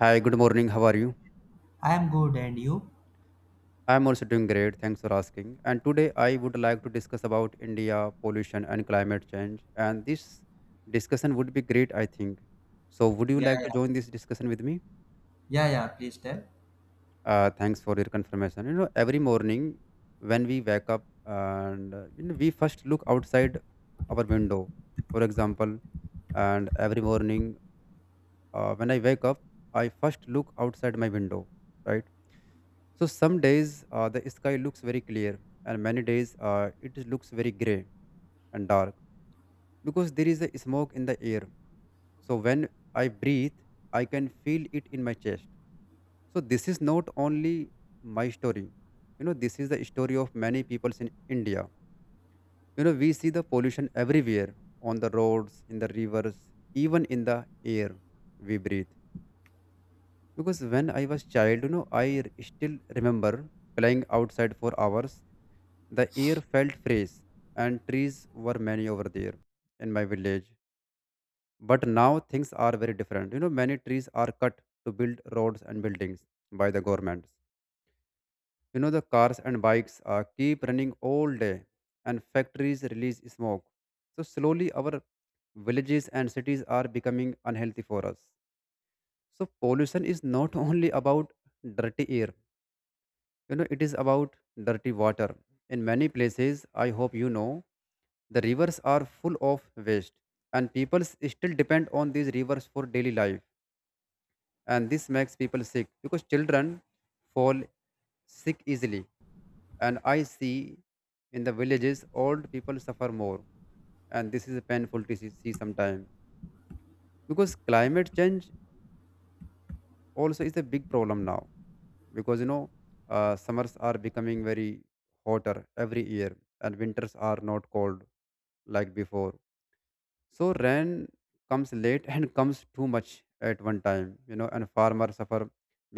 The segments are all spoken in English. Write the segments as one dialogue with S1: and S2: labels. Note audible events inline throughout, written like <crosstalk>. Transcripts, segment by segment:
S1: Hi, good morning. How are you?
S2: I am good, and you?
S1: I'm also doing great. Thanks for asking. And today I would like to discuss about India pollution and climate change. And this discussion would be great, I think. So, would you
S2: Yeah,
S1: like to
S2: yeah,
S1: join this discussion with me?
S2: yeah, yeah. Please tell.
S1: Thanks for your confirmation. Every morning when we wake up and we first look outside our window, for example, and every morning when I wake up, I first look outside my window, right? So some days the sky looks very clear, and many days looks very gray and dark because there is a smoke in the air. So when I breathe, I can feel it in my chest. So this is not only my story. This is the story of many peoples in India. We see the pollution everywhere on the roads, in the rivers, even in the air we breathe. Because when I was child, still remember playing outside for hours. The air felt fresh and trees were many over there in my village. But now things are very different. Many trees are cut to build roads and buildings by the governments. The cars and bikes keep running all day, and factories release smoke. So slowly our villages and cities are becoming unhealthy for us. So pollution is not <laughs> only about dirty air. It is about dirty water. In many places, I hope you know, the rivers are full of waste, and people still depend on these rivers for daily life. And this makes people sick because children fall sick easily. And I see in the villages, old people suffer more, and this is painful to see sometime. Because climate change also is a big problem now. Because summers are becoming very hotter every year, and winters are not cold like before. So rain comes late <laughs> and comes too much at one time. And farmers suffer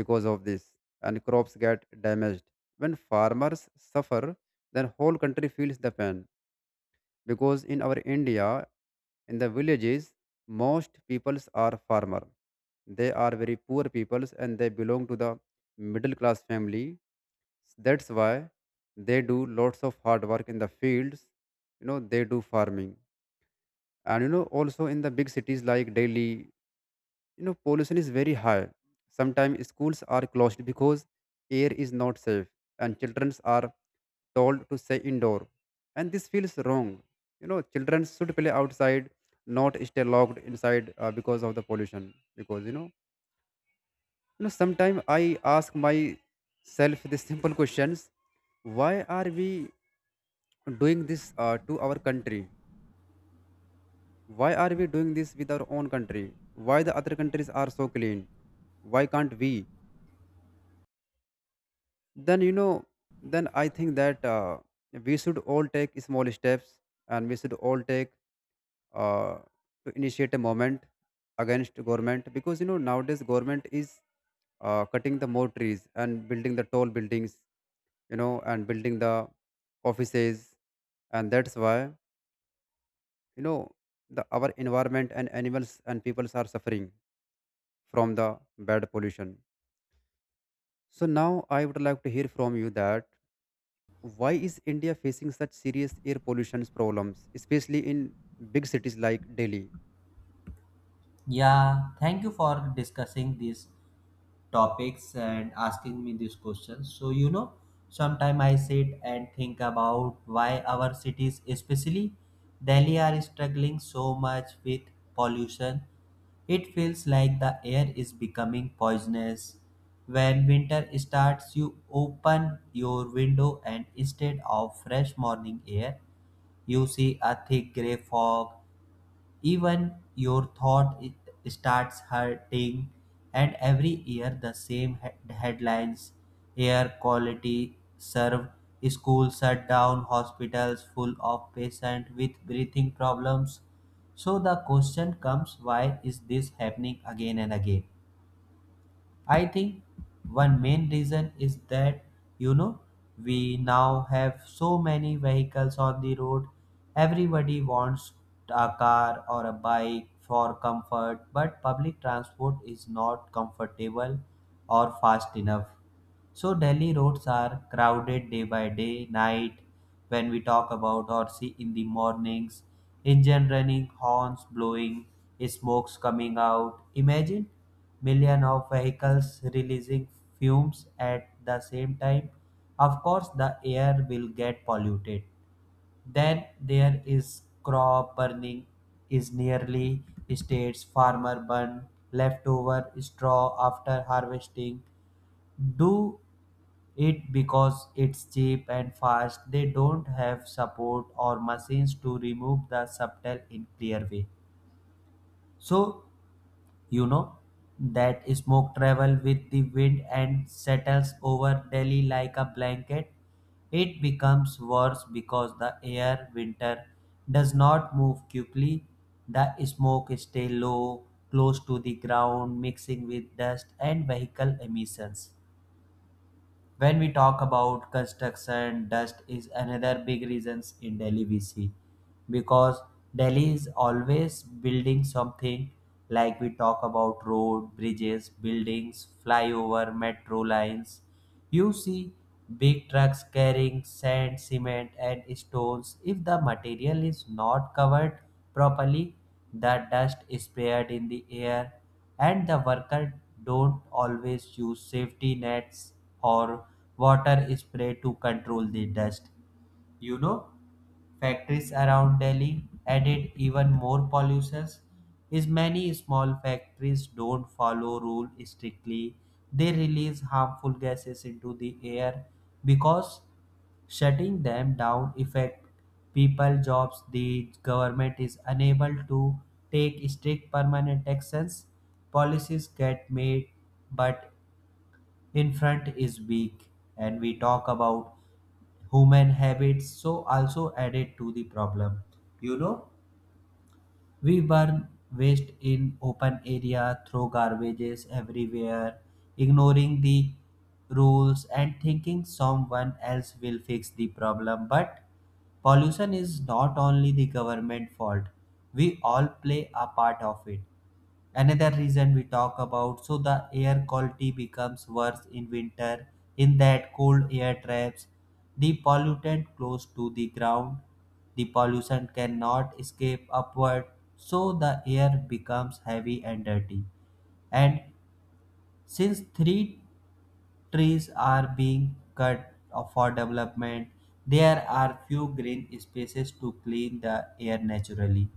S1: because of this, and crops get damaged. When farmers suffer, then whole country feels the pain. Because in our India, in the villages, most peoples are farmer. They are very poor peoples and they belong to the middle class family. That's why they do lots of hard work in the fields. They do farming. And also in the big cities like Delhi, pollution is very high. Sometimes schools are closed because air is not safe, and children are told to stay indoor. And this feels wrong. Children should play outside, not stay locked inside because of the pollution. Because, you know, Sometimes I ask myself these <laughs> simple questions. Why are we doing this to our country? Why are we doing this with our own country? Why the other countries are so clean? Why can't we? Then I think that we should all take small steps, and we should all take uh, to initiate a movement against government. Because nowadays government is cutting the more trees and building the tall buildings, and building the offices. And that's why, you know the our environment and animals and peoples are suffering from the bad pollution. So now I would like to hear from you that, why is India facing such serious air pollution problems, especially in big cities like Delhi?
S2: Yeah, thank you for discussing these topics and asking me these questions. So, you know, sometimes I sit and think about why our cities, especially Delhi, are struggling so much with pollution. It feels like the air is becoming poisonous. When winter starts, you open your window, and instead of fresh morning air, you see a thick gray fog, even your thought it starts hurting, and every year the same headlines, air quality served, schools shut down, hospitals full of patients with breathing problems. So the question comes, why is this happening again and again? I think one main reason is that, you know, we now have so many vehicles on the road. Everybody wants a car or a bike for comfort, but public transport is not comfortable or fast enough. So Delhi roads are crowded day by day, night, when we talk about or see in the mornings, engine running, horns blowing, smokes coming out. Imagine million of vehicles releasing fumes at the same time. Of course the air will get polluted. Then there is crop burning, is nearly states farmer burn leftover straw after harvesting, do it because it's cheap and fast. They don't have support or machines to remove the subtle in clear way. So, you know, that smoke travel with the wind and settles over Delhi like a blanket. It becomes worse because the air winter does not move quickly. The smoke stays low, close to the ground, mixing with dust and vehicle emissions. When we talk about construction, dust is another big reasons in Delhi we see, because Delhi is always building something, like we talk about road, bridges, buildings, flyover, metro lines. You see big trucks carrying sand, cement and stones. If the material is not covered properly, the dust is spread in the air, and the workers don't always use safety nets or water spray to control the dust. You know, factories around Delhi added even more pollutions. As many small factories don't follow rule strictly. They release harmful gases into the air because shutting them down affect people jobs. The government is unable to take strict permanent actions. Policies get made but in front is weak. And we talk about human habits, so also added to the problem. You know, we burn waste in open area, throw garbages everywhere, ignoring the rules and thinking someone else will fix the problem, but pollution is not only the government fault, we all play a part of it. Another reason we talk about, so the air quality becomes worse in winter, in that cold air traps the pollutant close to the ground. The pollution cannot escape upward, so the air becomes heavy and dirty, and since 3 trees are being cut for development, there are few green spaces to clean the air naturally.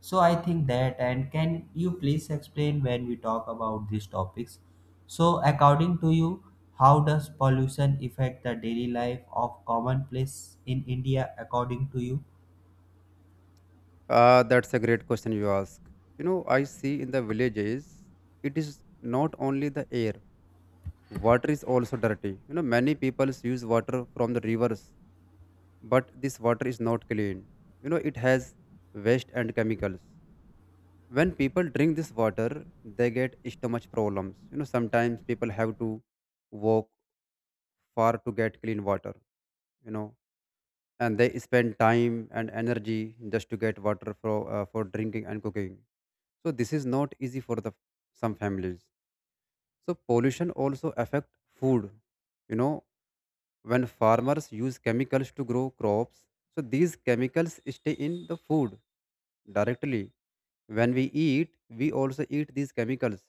S2: So I think that, and can you please explain when we talk about these topics? So according to you, how does pollution affect the daily life of commonplace in India, according to you?
S1: Ah, that's a great question you ask. I see in the villages, it is not only the air, water is also dirty. Many people use water from the rivers, but this water is not clean. It has waste and chemicals. When people drink this water, they get stomach problems. Sometimes people have to walk far to get clean water. You know, and they spend time and energy just to get water for drinking and cooking. So this is not easy for the some families. So pollution also affect food. You know when farmers use chemicals to grow crops, so these chemicals stay in the food directly. When we eat, we also eat these chemicals.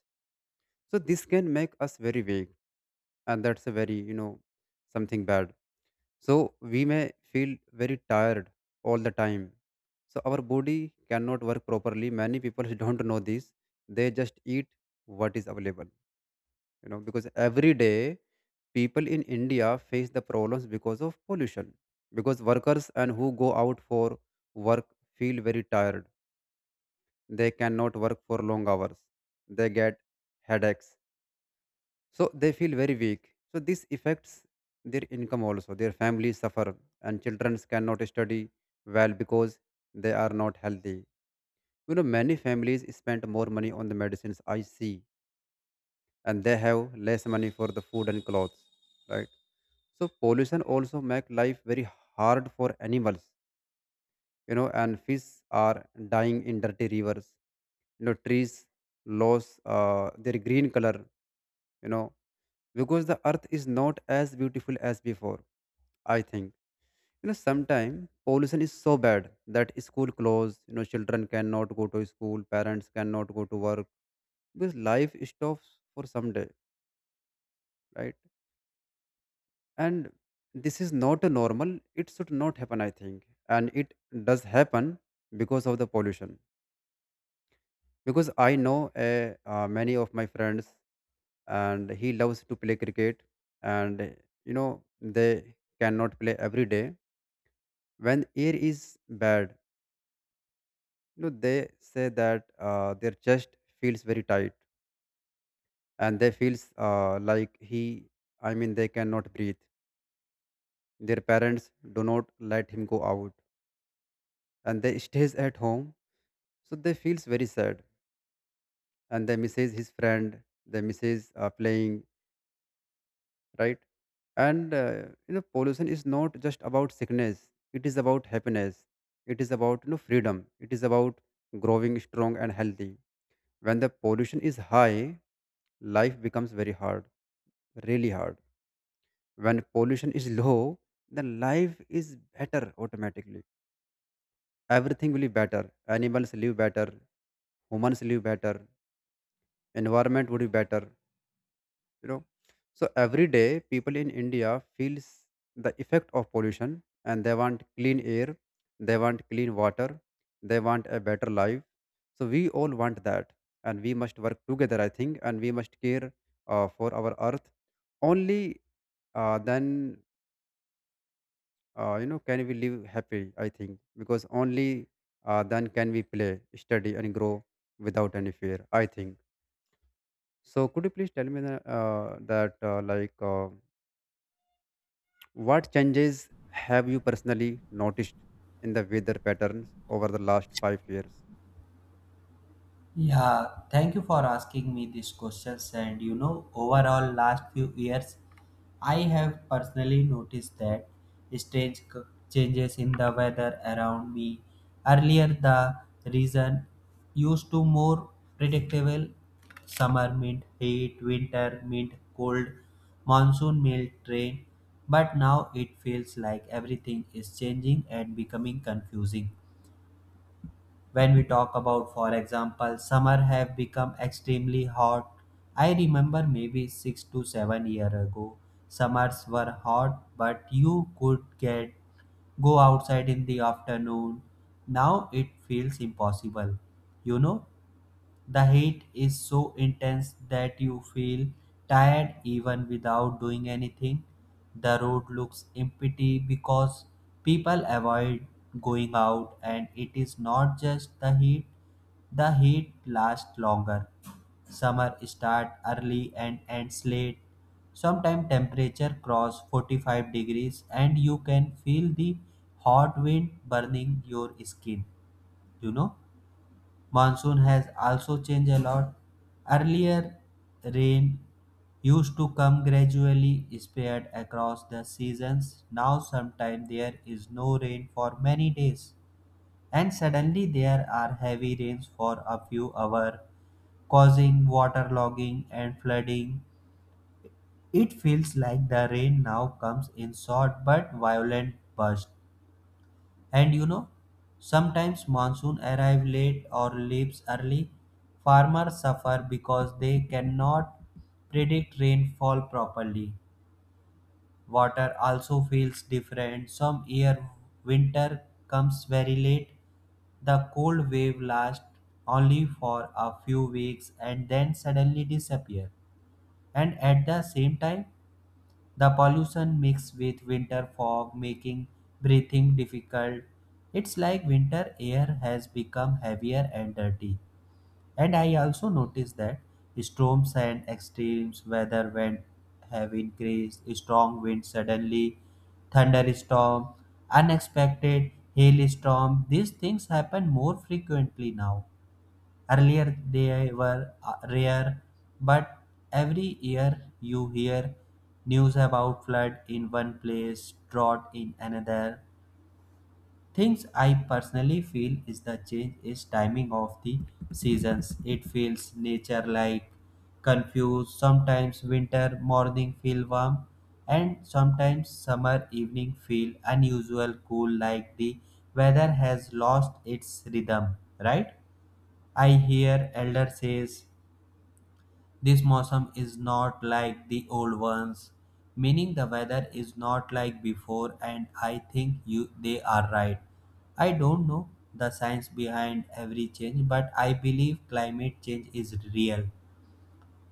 S1: So this can make us very weak, and that's a very something bad. So we may feel very tired all the time. So our body cannot work properly. Many people <laughs> don't know this. They just eat what is available. Because every day people in India face the problems because of pollution. Because workers and who go out for work feel very tired. They cannot work for long hours. They get headaches, so they feel very weak. So this affects their income. Also their families suffer, and children cannot study well because they are not healthy. Many families spend more money on the medicines, I see, and they have less money for the food and clothes, right? So pollution also make life very hard for animals. And fish are dying in dirty rivers. Trees lose their green color, you know because the earth is not as beautiful as before, I think. Sometimes pollution is so bad that school close. Children cannot go to school, parents cannot go to work, because life stops for some day, right? And this is not a normal, it should not happen, I think. And it does happen because of the pollution. Because I know, many of my friends, and he loves to play cricket. And they cannot play every day when air is bad. They say that their chest feels very tight, and they feels like he I mean they cannot breathe. Their parents do not let him go out, and they stays at home. So they feels very sad, and they misses his friend. They misses playing, right? And pollution is not just about sickness, it is about happiness, it is about freedom, it is about growing strong and healthy. When the pollution is high, life becomes very hard, really hard. When pollution is low, then life is better automatically. Everything will be better. Animals live better, humans live better, environment would be better. you know so every day people in India feels the effect of pollution, and they want clean air, they want clean water, they want a better life. So we all want that, and we must work together I think, and we must care for our earth. Only then can we live happy, I think, because only then can we play, study and grow without any fear, I think. So could you please tell me the, that like what changes have you personally noticed in the weather patterns over the last 5 years?
S2: Yeah, thank you for asking me these questions. And you know, overall, last few years, I have personally noticed that strange changes in the weather around me. Earlier, the reason used to more predictable, summer meant heat, winter meant cold, monsoon meant rain. But now it feels like everything is changing and becoming confusing. When we talk about, for example, summer have become extremely hot. I remember maybe 6 to 7 years ago, summers were hot, but you could get go outside in the afternoon. Now it feels impossible. You know, the heat is so intense that you feel tired even without doing anything. The road looks empty because people avoid going out, and it is not just the heat lasts longer. Summer starts early and ends late. Sometimes temperature cross 45 degrees and you can feel the hot wind burning your skin, you know. Monsoon has also changed a lot. Earlier, rain used to come gradually, spread across the seasons. Now, sometimes there is no rain for many days, and suddenly there are heavy rains for a few hours, causing waterlogging and flooding. It feels like the rain now comes in short but violent bursts, and you know, sometimes monsoon arrive late or leaves early. Farmers suffer because they cannot predict rainfall properly. Water also feels different. Some year winter comes very late. The cold wave lasts only for a few weeks and then suddenly disappear. And at the same time the pollution mixed with winter fog making breathing difficult. It's like winter air has become heavier and dirty. And I also noticed that storms and extreme weather when have increased, strong winds suddenly, thunderstorm, unexpected hailstorm. These things happen more frequently now. Earlier they were rare, but every year you hear news about flood in one place, drought in another. Things I personally feel is the change is timing of the seasons. It feels nature like confused. Sometimes winter morning feel warm and sometimes summer evening feel unusual cool, like the weather has lost its rhythm, right? I hear elder says this mosum is not like the old ones, meaning the weather is not like before, and I think you they are right. I don't know the science behind every change, but I believe climate change is real.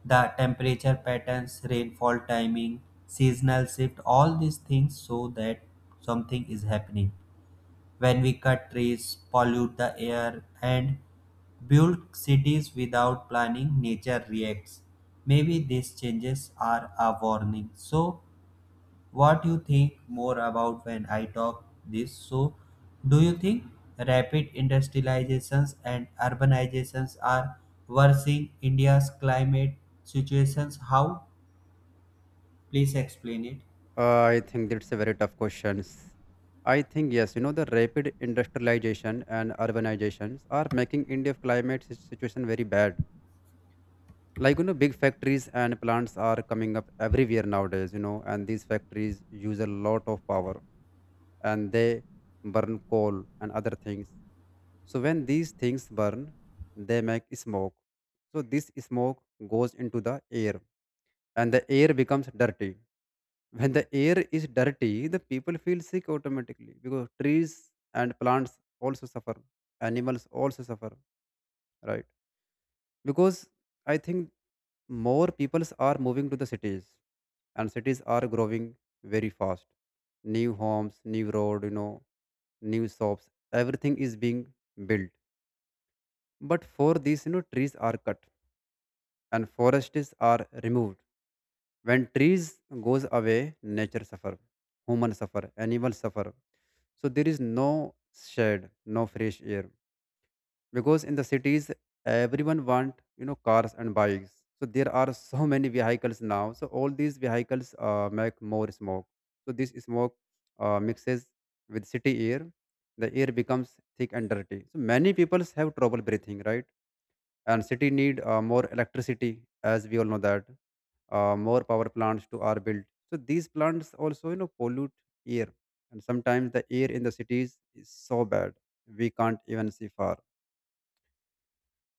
S2: The temperature patterns, rainfall timing, seasonal shift, all these things show that something is happening when we cut trees, pollute the air, and build cities without planning, nature reacts. Maybe these changes are a warning. So, what you think more about when I talk this? So, do you think rapid industrializations and urbanizations are worsening India's climate situations? How? Please explain it.
S1: I think that's a very tough question. I think yes, the rapid industrialization and urbanizations are making India's climate situation very bad. Like big factories and plants are coming up everywhere nowadays. And these factories use a lot of power, and they burn coal and other things. So when these things burn, they make smoke. So this smoke goes into the air, and the air becomes dirty. When the air is dirty, the people feel sick automatically. Because trees and plants also suffer, animals also suffer, right? Because I think more peoples are moving to the cities, and cities are growing very fast. New homes, new road, new shops, everything is being built. But for this, trees are cut and forests are removed. When trees goes away, nature suffer, human suffer, animals suffer. So there is no shade, no fresh air. Because in the cities everyone want cars and bikes, so there are so many vehicles now. So all these vehicles make more smoke. So this smoke mixes with city air, the air becomes thick and dirty, so many people have trouble breathing, right? And city need more electricity, as we all know that. More power plants to are built. So these plants also pollute air. And sometimes the air in the cities is so bad we can't even see far.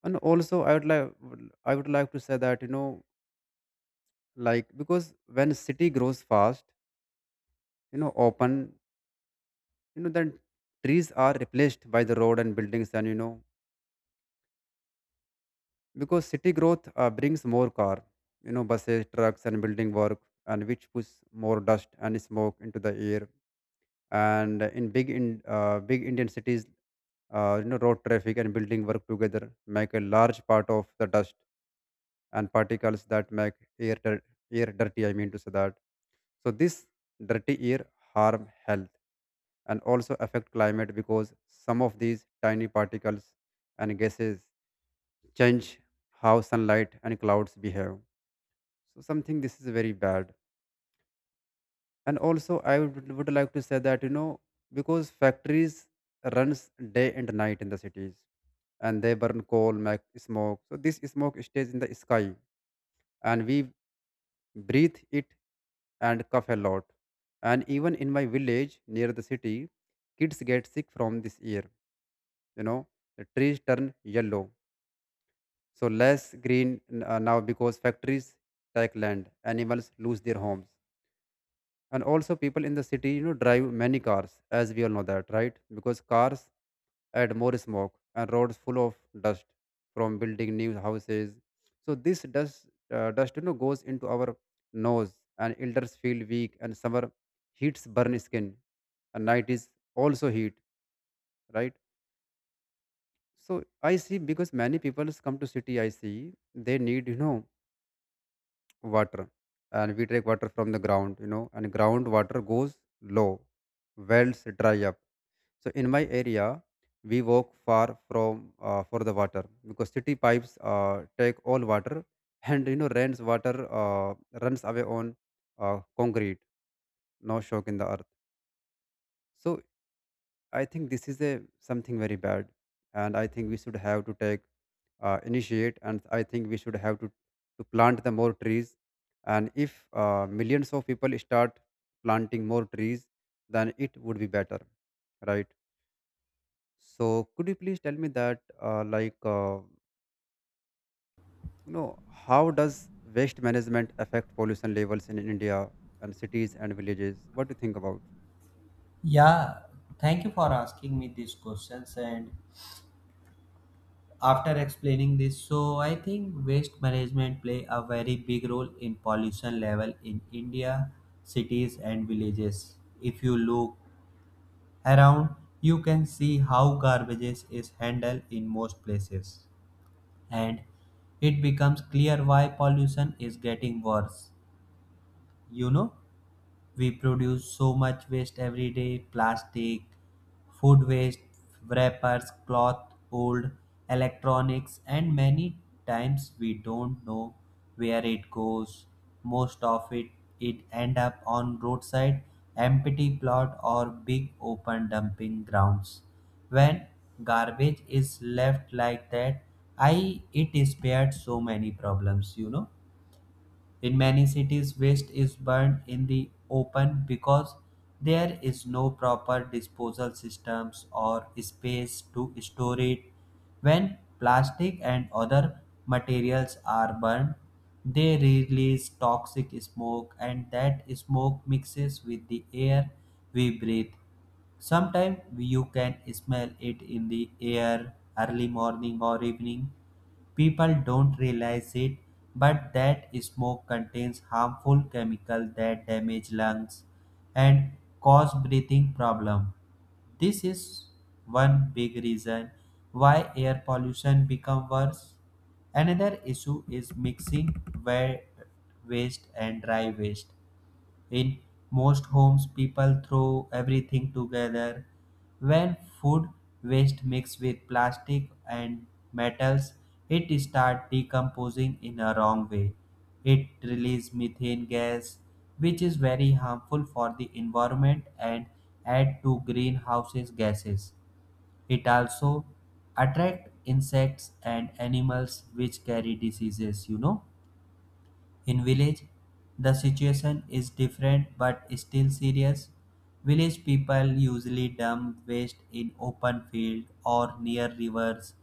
S1: And also I would like to say that because when city grows fast, you know open you know then trees are replaced by the road and buildings. And because city growth brings more car, buses, trucks and building work, and which push more dust and smoke into the air. And in big Indian cities, road traffic and building work together make a large part of the dust and particles that make air, dir- air dirty, I mean to say that. So this dirty air harm health and also affect climate because some of these tiny particles and gases change how sunlight and clouds behave. So something this is very bad. And also I would like to say that because factories runs day and night in the cities and they burn coal, make smoke. So this smoke stays in the sky and we breathe it and cough a lot. And even in my village near the city, kids get sick from this year. You know, the trees turn yellow, so less now because factories take land, animals lose their homes. And also people in the city, drive many cars, as we all know that, right? Because cars add more smoke and roads full of dust from building new houses. So this dust goes into our nose, and elders feel weak, and summer heats burn skin, and night is also heat, right? So I see, because many people come to city, I see they need, water, and we take water from the ground, and ground water goes low, wells dry up. So in my area we walk far from for the water, because city pipes take all water. And rains water runs away on concrete, no shock in the earth. So I think this is a something very bad, and I think we should have to take initiate, and I think we should have to plant the more trees. And if millions of people start planting more trees, then it would be better, right? So, could you please tell me that, you know, how does waste management affect pollution levels in India and cities and villages? What do you think about?
S2: Yeah, thank you for asking me these questions, and after explaining this, so I think waste management play a very big role in pollution level in India, cities and villages. If you look around, you can see how garbage is handled in most places, and it becomes clear why pollution is getting worse. You know, we produce so much waste every day, plastic, food waste, wrappers, cloth, old electronics, and many times we don't know where it goes. Most of it, it end up on roadside, empty plot or big open dumping grounds. When garbage is left like that, I it spared so many problems, you know. In many cities, waste is burned in the open because there is no proper disposal systems or space to store it. When plastic and other materials are burned, they release toxic smoke, and that smoke mixes with the air we breathe. Sometimes you can smell it in the air early morning or evening. People don't realize it, but that smoke contains harmful chemicals that damage lungs and cause breathing problem. This is one big reason why air pollution become worse. Another issue is mixing wet waste and dry waste. In most homes, people throw everything together. When food waste mixes with plastic and metals, it starts decomposing in a wrong way. It releases methane gas, which is very harmful for the environment and add to greenhouses gases. It also attract insects and animals which carry diseases, you know. In village, the situation is different but still serious. Village people usually dump waste in open field or near rivers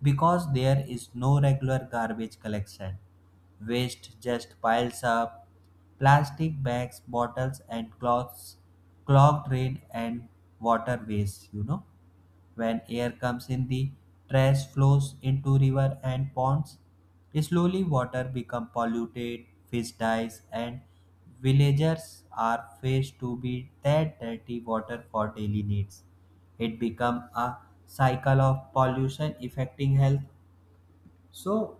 S2: because there is no regular garbage collection. Waste just piles up. Plastic bags, bottles and cloths clog drain and waterways, you know. When air comes in, the trash flows into river and ponds. Slowly, water become polluted, fish dies, and villagers are faced to be that dirty water for daily needs. It become a cycle of pollution affecting health. So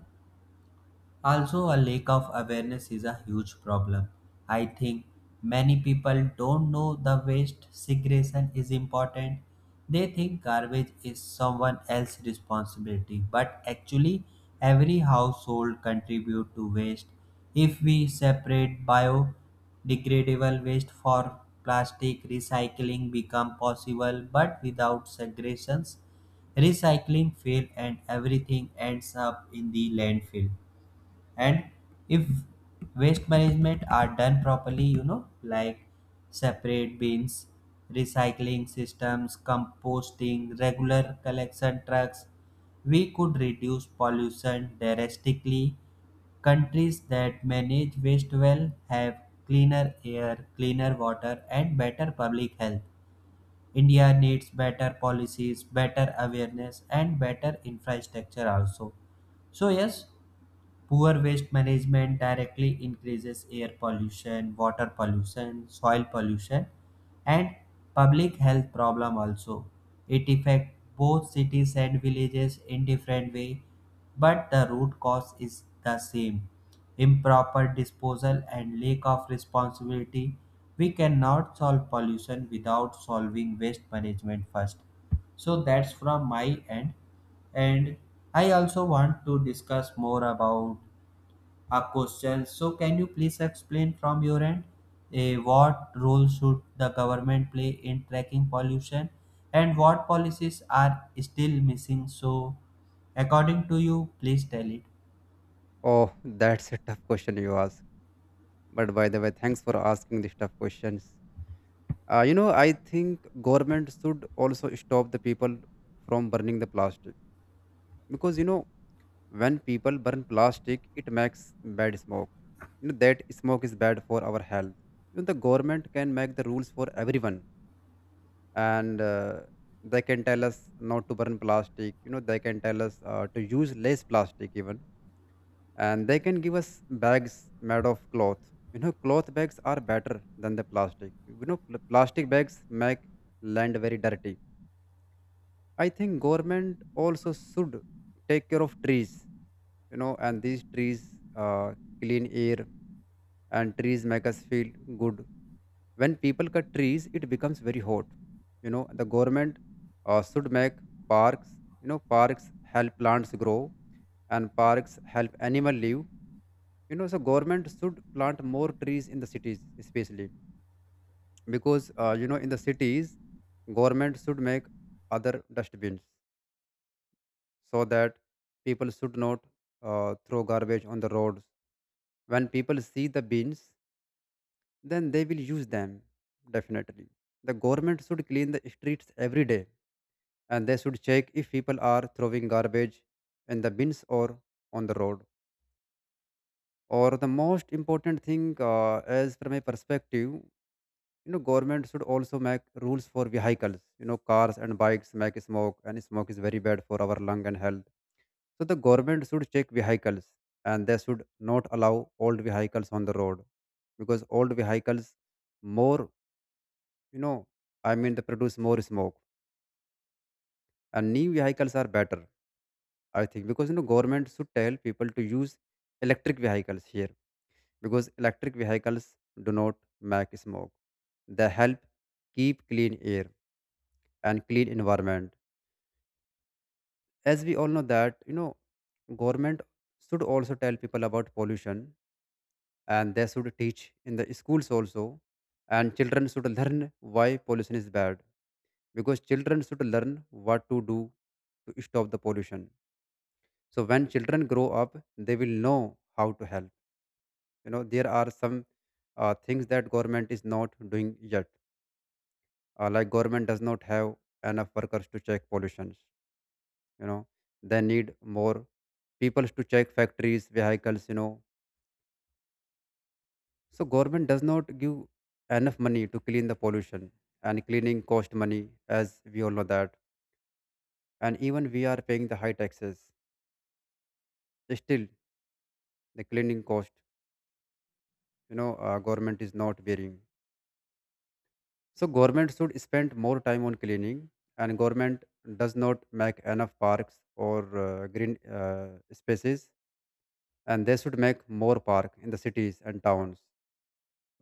S2: also, a lack of awareness is a huge problem. I think many people don't know the waste segregation is important. They think garbage is someone else's responsibility, but actually, every household contribute to waste. If we separate biodegradable waste for plastic, recycling become possible, but without segregations, recycling fail and everything ends up in the landfill. And if waste management are done properly, you know, like separate bins, recycling systems, composting, regular collection trucks, we could reduce pollution drastically. Countries that manage waste well have cleaner air, cleaner water and better public health. India needs better policies, better awareness and better infrastructure also. So yes, poor waste management directly increases air pollution, water pollution, soil pollution, and public health problem also. It affects both cities and villages in different way, but the root cause is the same. Improper disposal and lack of responsibility. We cannot solve pollution without solving waste management first. So that's from my end. And I also want to discuss more about a question. So, can you please explain from your end, what role should the government play in tracking pollution and what policies are still missing? So, according to you, please tell it.
S1: Oh, <laughs> that's a tough question you ask. But by the way, thanks for asking these tough questions. I think government should also stop the people from burning the plastic, because when people burn plastic, it makes bad smoke. You know that smoke is bad for our health. You know the government can make the rules for everyone, and they can tell us not to burn plastic. You know they can tell us to use less plastic even, and they can give us bags made of cloth. You know cloth bags are better than the plastic. You know plastic bags make land very dirty. I think government also should take care of trees, you know, and these trees clean air, and trees make us feel good. When people cut trees, it becomes very hot. You know, the government should make parks, you know, parks help plants grow and parks help animal live. You know, so government should plant more trees in the cities, especially because, in the cities, government should make other dustbins so that people should not throw garbage on the roads. When people see the bins, then they will use them definitely. The government should clean the streets every day, and they should check if people are throwing garbage in the bins or on the road. Or the most important thing, as from my perspective, you know, government should also make rules for vehicles. You know, cars and bikes make smoke, and smoke is very bad for our lung and health. So the government should check vehicles, and they should not allow old vehicles on the road, because old vehicles more, you know, they produce more smoke, and new vehicles are better, I think, because you know, government should tell people to use electric vehicles here, because electric vehicles do not make smoke. They help keep clean air and clean environment. As we all know that, you know, government should also tell people about pollution, and they should teach in the schools also, and children should learn why pollution is bad, because children should learn what to do to stop the pollution. So when children grow up they will know how to help. You know there are some things that government is not doing yet, like government does not have enough workers to check pollutions. You know they need more people to check factories vehicles, so government does not give enough money to clean the pollution, and cleaning cost money, as we all know that. And even we are paying the high taxes, still the cleaning cost, government is not bearing. So government should spend more time on cleaning, and government does not make enough parks or green spaces, and they should make more park in the cities and towns.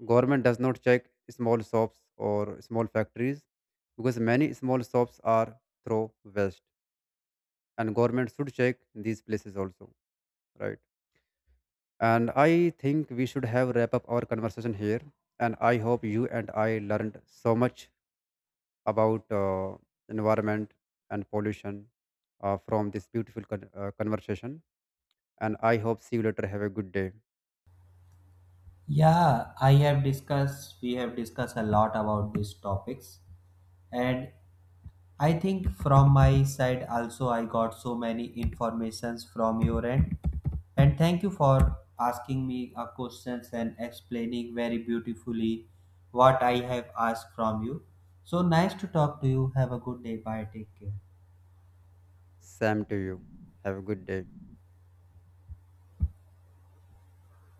S1: Government does not check small shops or small factories, because many small shops are throw waste, and government should check these places also, right? And I think we should have wrap up our conversation here. And I hope you and I learned so much about environment and pollution from this beautiful conversation. And I hope see you later. Have a good day.
S2: Yeah, I have discussed, we have discussed a lot about these topics, and I think from my side also I got so many informations from your end, and thank you for asking me a questions and explaining very beautifully what I have asked from you. So nice to talk to you. Have a good day. Bye. Take care.
S1: Sam to you. Have a good day.